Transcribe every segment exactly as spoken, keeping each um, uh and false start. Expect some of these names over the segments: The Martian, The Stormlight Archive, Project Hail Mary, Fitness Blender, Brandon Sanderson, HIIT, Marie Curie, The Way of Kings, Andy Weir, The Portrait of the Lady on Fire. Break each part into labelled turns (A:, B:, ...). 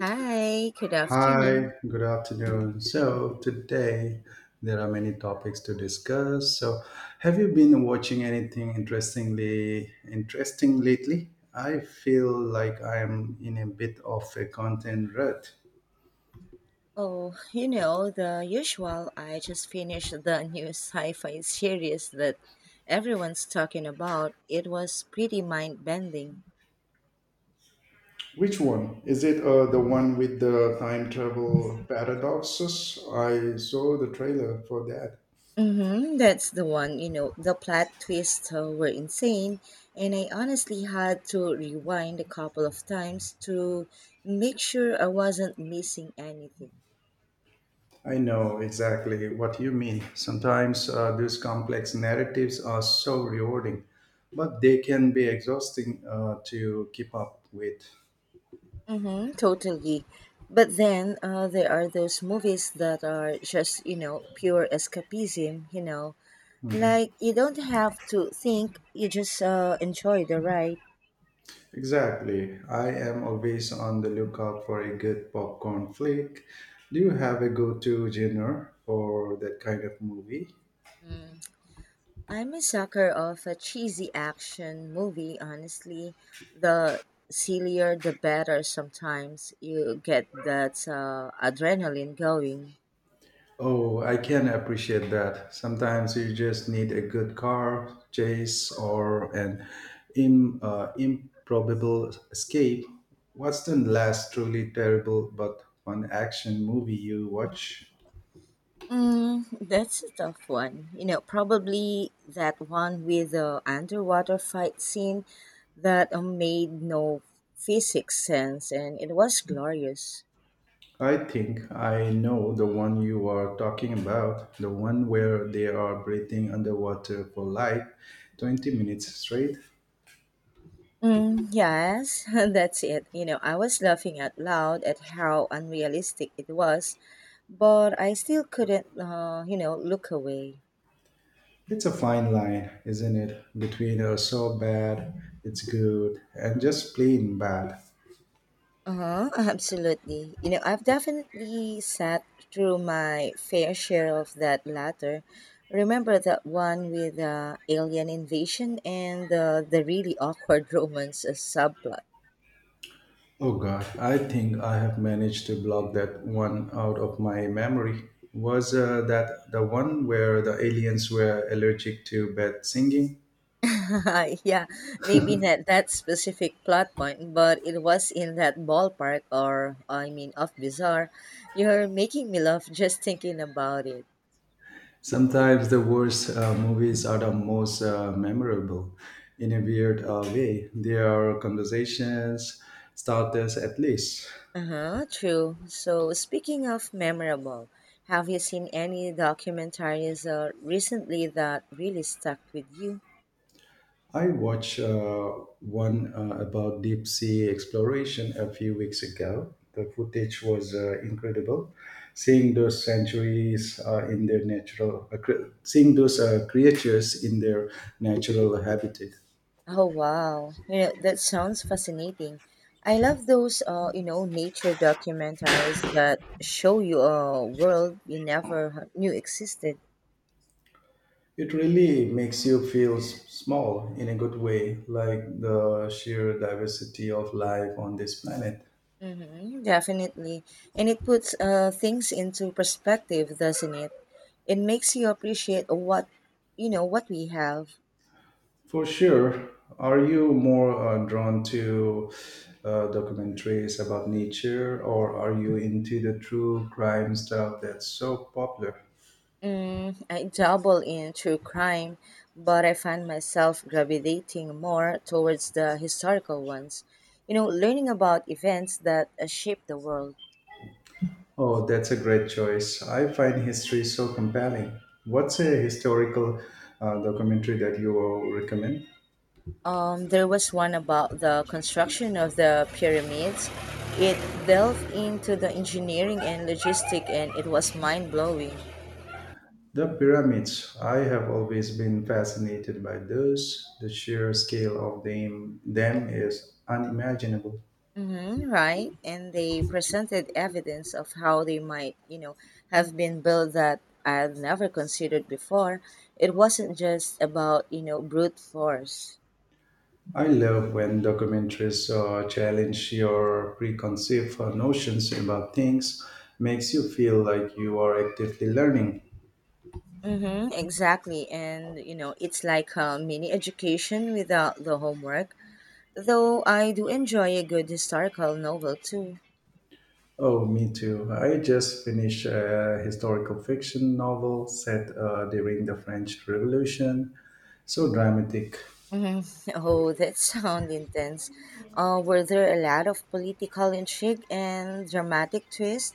A: Hi, good
B: Hi,
A: afternoon.
B: good afternoon. So, today there are many topics to discuss. So, have you been watching anything interestingly interesting lately? I feel like I am in a bit of a content rut.
A: Oh, you know, the usual. I just finished the new sci fi series that everyone's talking about. It was pretty mind bending.
B: Which one? Is it uh, the one with the time travel paradoxes? I saw the trailer for that.
A: Mm-hmm, that's the one, you know, the plot twists uh, were insane, and I honestly had to rewind a couple of times to make sure I wasn't missing anything.
B: I know exactly what you mean. Sometimes uh, these complex narratives are so rewarding, but they can be exhausting uh, to keep up with.
A: Mm-hmm, totally. But then uh, there are those movies that are just, you know, pure escapism, you know. Like, you don't have to think, you just uh, enjoy the ride.
B: Exactly. I am always on the lookout for a good popcorn flick. Do you have a go to genre for that kind of movie?
A: Mm. I'm a sucker of a cheesy action movie, honestly. The sillier, the better sometimes. You get that uh, adrenaline going.
B: Oh, I can appreciate that. Sometimes you just need a good car chase or an im- uh, improbable escape. What's the last truly terrible but fun action movie you watch?
A: Mm, that's a tough one. You know, probably that one with the underwater fight scene that uh, made no physics sense and it was glorious.
B: I think I know the one you are talking about, the one where they are breathing underwater for like twenty minutes straight.
A: Mm, yes, that's it. You know, I was laughing out loud at how unrealistic it was, but I still couldn't, uh, you know, look away.
B: It's a fine line, isn't it? Between uh, so bad, it's good, and just plain bad.
A: Uh-huh, absolutely. You know, I've definitely sat through my fair share of that latter. Remember that one with uh, alien invasion and uh, the really awkward romance as subplot?
B: Oh God, I think I have managed to block that one out of my memory. Was uh, that the one where the aliens were allergic to bad singing?
A: Yeah, maybe not that specific plot point, but it was in that ballpark or, I mean, of bizarre. You're making me laugh just thinking about it.
B: Sometimes the worst uh, movies are the most uh, memorable. In a weird uh, way, they are conversations starters at least.
A: Uh huh, true. So, speaking of memorable, have you seen any documentaries uh, recently that really stuck with you?
B: I watched uh, one uh, about deep sea exploration a few weeks ago. The footage was uh, incredible. Seeing those sanctuaries uh, in their natural, uh, cre- seeing those uh, creatures in their natural habitat,
A: Oh, wow. You know, that sounds fascinating. I love those, uh, you know, nature documentaries that show you a world you never h- knew existed.
B: it really makes you feel s- small in a good way, like the sheer diversity of life on this planet.
A: Mm-hmm, definitely. And it puts uh, things into perspective, doesn't it? It makes you appreciate what, you know, what we have.
B: For sure. Are you more uh, drawn to uh, documentaries about nature, or are you into the true crime stuff that's so popular?
A: Mm, I dabble in true crime, but I find myself gravitating more towards the historical ones. You know, learning about events that uh, shaped the world.
B: Oh, that's a great choice. I find history so compelling. What's a historical uh, documentary that you will recommend?
A: Um, there was one about the construction of the pyramids. It delved into the engineering and logistic, and it was mind blowing.
B: The pyramids. I have always been fascinated by those. The sheer scale of them, them is unimaginable.
A: Mm-hmm, right. And they presented evidence of how they might, you know, have been built that I'd never considered before. It wasn't just about, you know, brute force.
B: I love when documentaries uh, challenge your preconceived uh, notions about things, makes you feel like you are actively learning.
A: Mm-hmm, exactly. And, you know, it's like a mini education without the homework. Though I do enjoy a good historical novel too.
B: Oh, me too. I just finished a historical fiction novel set uh, during the French Revolution. So dramatic.
A: Hmm. Oh, that sounds intense. Uh, were there a lot of political intrigue and dramatic twists?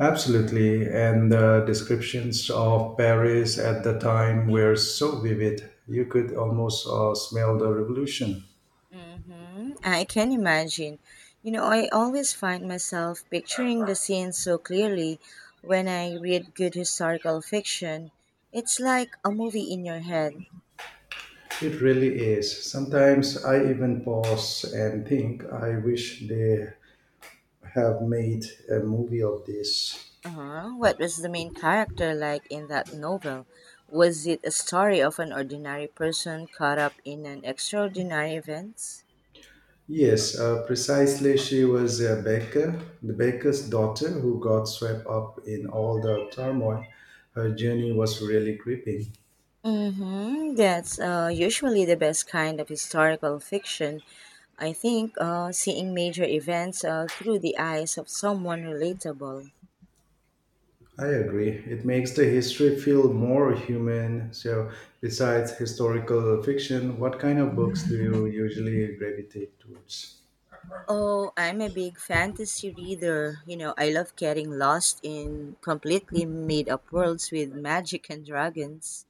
B: Absolutely. And the descriptions of Paris at the time were so vivid, you could almost uh, smell the revolution.
A: Mm-hmm. I can imagine. You know, I always find myself picturing the scenes so clearly when I read good historical fiction. It's like a movie in your head.
B: It really is. Sometimes I even pause and think, I wish they have made a movie of this.
A: Uh-huh. What was the main character like in that novel? Was it a story of an ordinary person caught up in an extraordinary event?
B: Yes, uh, precisely. She was a baker, the baker's daughter who got swept up in all the turmoil. Her journey was really gripping.
A: Mm-hmm. That's uh, usually the best kind of historical fiction I think uh, seeing major events uh, through the eyes of someone relatable.
B: I agree. It makes the history feel more human. So, besides historical fiction, what kind of books do you usually gravitate towards?
A: Oh, I'm a big fantasy reader. You know, I love getting lost in completely made up worlds with magic and dragons.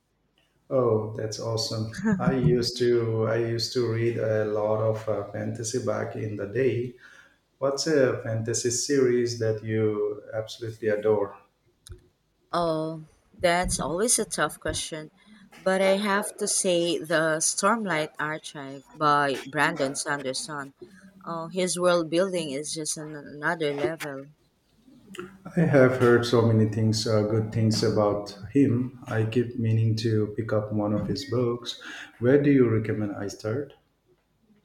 B: Oh, that's awesome. I used to I used to read a lot of uh, fantasy back in the day. What's a fantasy series that you absolutely adore?
A: Oh, that's always a tough question. But I have to say, The Stormlight Archive by Brandon Sanderson. Oh, his world building is just an- another level.
B: I have heard so many things, uh, good things about him. I keep meaning to pick up one of his books. Where do you recommend I start?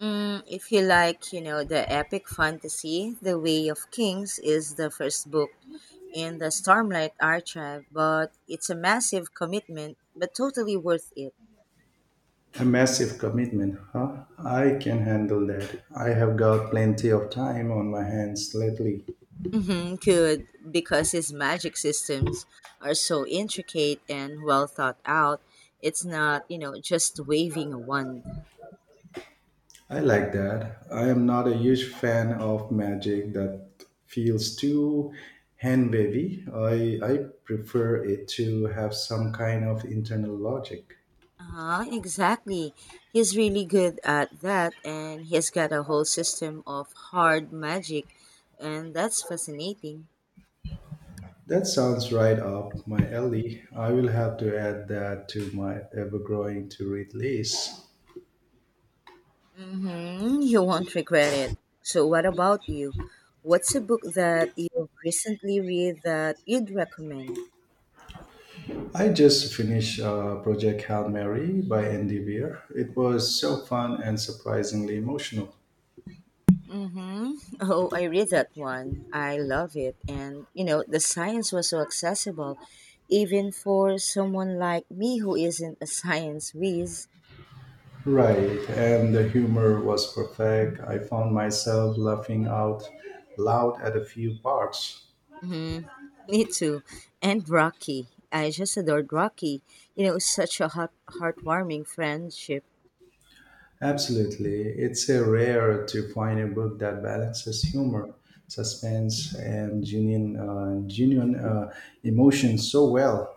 A: Mm, if you like, you know, the epic fantasy, The Way of Kings is the first book in the Stormlight Archive, but it's a massive commitment, but totally worth it.
B: A massive commitment, huh? I can handle that. I have got plenty of time on my hands lately.
A: Hmm, good, because his magic systems are so intricate and well thought out. It's not, you know, just waving a wand.
B: I like that. I am not a huge fan of magic that feels too hand wavy. I, I prefer it to have some kind of internal logic.
A: Uh, exactly. He's really good at that, and he's got a whole system of hard magic, and that's fascinating.
B: That sounds right up my alley. I will have to add that to my ever growing to read list.
A: Mm-hmm. You won't regret it. So, what about you? What's a book that you've recently read that you'd recommend?
B: I just finished uh, Project Hail Mary by Andy Weir. It was so fun and surprisingly emotional.
A: Mm-hmm. Oh, I read that one. I love it. And, you know, the science was so accessible, even for someone like me who isn't a science whiz.
B: Right, and the humor was perfect. I found myself laughing out loud at a few parts.
A: Mm-hmm. Me too. And Rocky. I just adored Rocky. You know, such a heart- heartwarming friendship.
B: Absolutely, it's a rare to find a book that balances humor, suspense, and genuine, uh, genuine uh, emotion so well.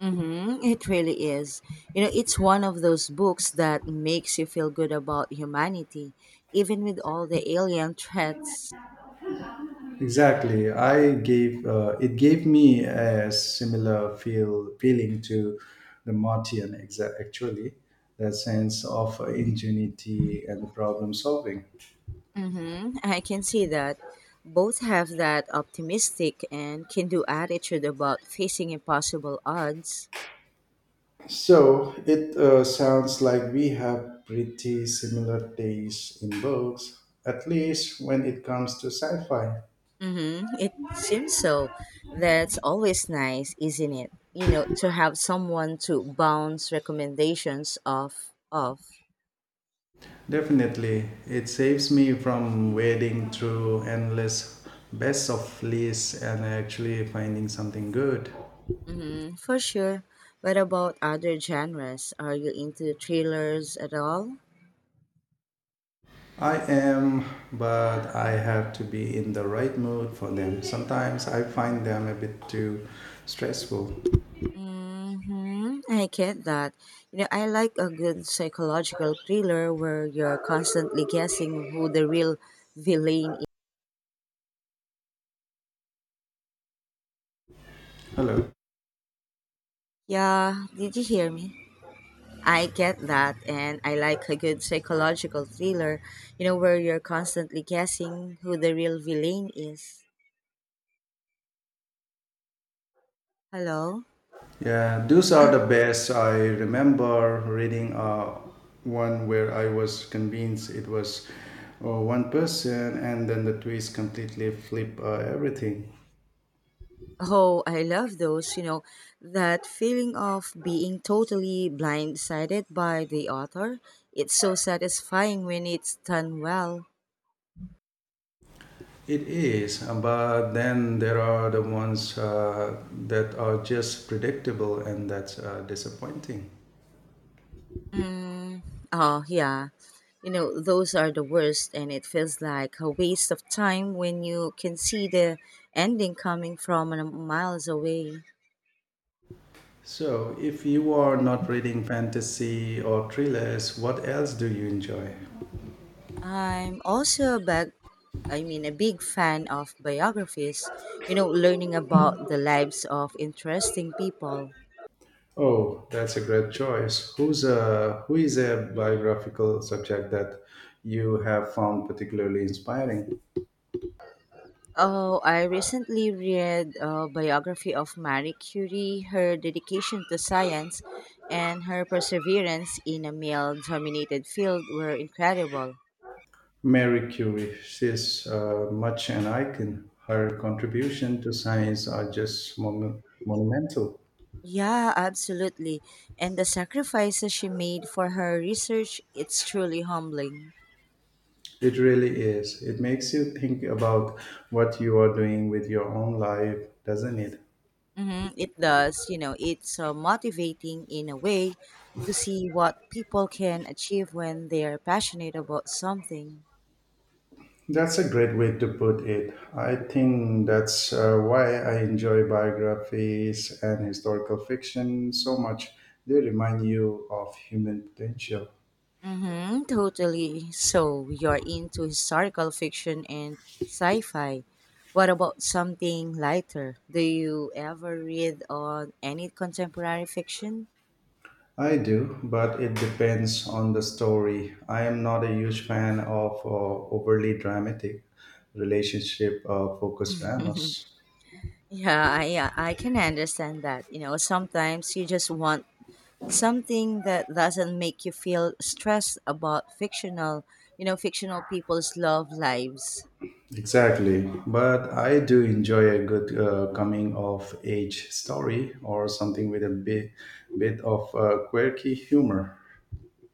A: Mm-hmm. It really is. You know, it's one of those books that makes you feel good about humanity, even with all the alien threats.
B: Exactly, I gave uh, it gave me a similar feel feeling to the Martian. Exa- actually, that sense of ingenuity and problem solving.
A: Mm-hmm. I can see that. Both have that optimistic and can do attitude about facing impossible odds.
B: So it uh, sounds like we have pretty similar tastes in books, at least when it comes to sci fi.
A: Mm-hmm. It seems so. That's always nice, isn't it? You know, to have someone to bounce recommendations off of.
B: Definitely, it saves me from wading through endless best of lists and actually finding something good.
A: Hmm. For sure. What about other genres? Are you into thrillers at all?
B: I am, but I have to be in the right mood for them. Sometimes I find them a bit too stressful.
A: Mm-hmm. I get that. You know, I like a good psychological thriller where you're constantly guessing who the real villain is.
B: Hello.
A: Yeah, did you hear me? I get that, and I like a good psychological thriller, you know, where you're constantly guessing who the real villain is. Hello?
B: Yeah, those are the best. I remember reading uh, one where I was convinced it was uh, one person, and then the twist completely flip uh, everything.
A: Oh, I love those, you know, that feeling of being totally blindsided by the author. It's so satisfying when it's done well.
B: It is, uh, but then there are the ones uh, that are just predictable, and that's uh, disappointing.
A: Mm, oh, yeah. You know, those are the worst, and it feels like a waste of time when you can see the ending coming from a- miles away.
B: So, if you are not reading fantasy or thrillers, what else do you enjoy?
A: I'm also a big, I mean, a big fan of biographies, you know, learning about the lives of interesting people.
B: Oh, that's a great choice. Who's a who is a biographical subject that you have found particularly inspiring?
A: Oh, I recently read a biography of Marie Curie, her dedication to science, and her perseverance in a male dominated field were incredible.
B: Mary Curie. She's uh, much an icon. Her contribution to science are just mon- monumental.
A: Yeah, absolutely. And the sacrifices she made for her research, it's truly humbling.
B: It really is. It makes you think about what you are doing with your own life, doesn't it?
A: Hmm. It does, you know, it's uh, motivating in a way to see what people can achieve when they are passionate about something.
B: That's a great way to put it. I think that's uh, why I enjoy biographies and historical fiction so much. They remind you of human potential.
A: Mm-hmm, totally. So you're into historical fiction and sci-fi. What about something lighter? Do you ever read on any contemporary fiction?
B: I do, but it depends on the story. I am not a huge fan of uh, overly dramatic relationship uh, focused dramas.
A: Yeah, I yeah, I can understand that. You know, sometimes you just want something that doesn't make you feel stressed about fictional, you know, fictional people's love lives.
B: Exactly, but I do enjoy a good uh, coming of age story or something with a bit, bit of uh, quirky humor.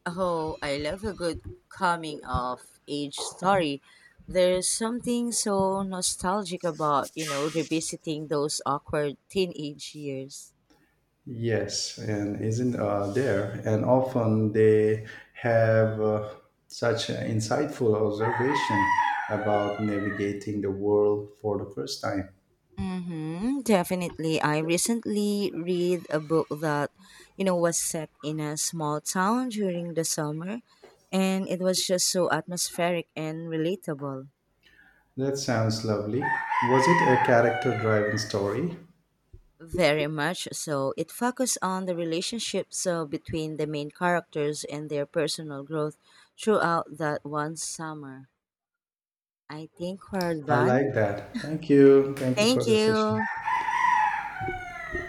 A: Oh, I love a good coming of age story. There's something so nostalgic about, you know, revisiting those awkward teenage years.
B: Yes, and isn't uh, there? And often they have uh, such an insightful observation about navigating the world for the first time.
A: Mm-hmm, definitely. I recently read a book that, you know, was set in a small town during the summer, and it was just so atmospheric and relatable.
B: That sounds lovely. Was it a character driven story?
A: Very much so. It focuses on the relationships uh, between the main characters and their personal growth throughout that one summer. I think we're
B: I like
A: done.
B: that. Thank you. Thank you
A: Thank
B: for the session.
A: you.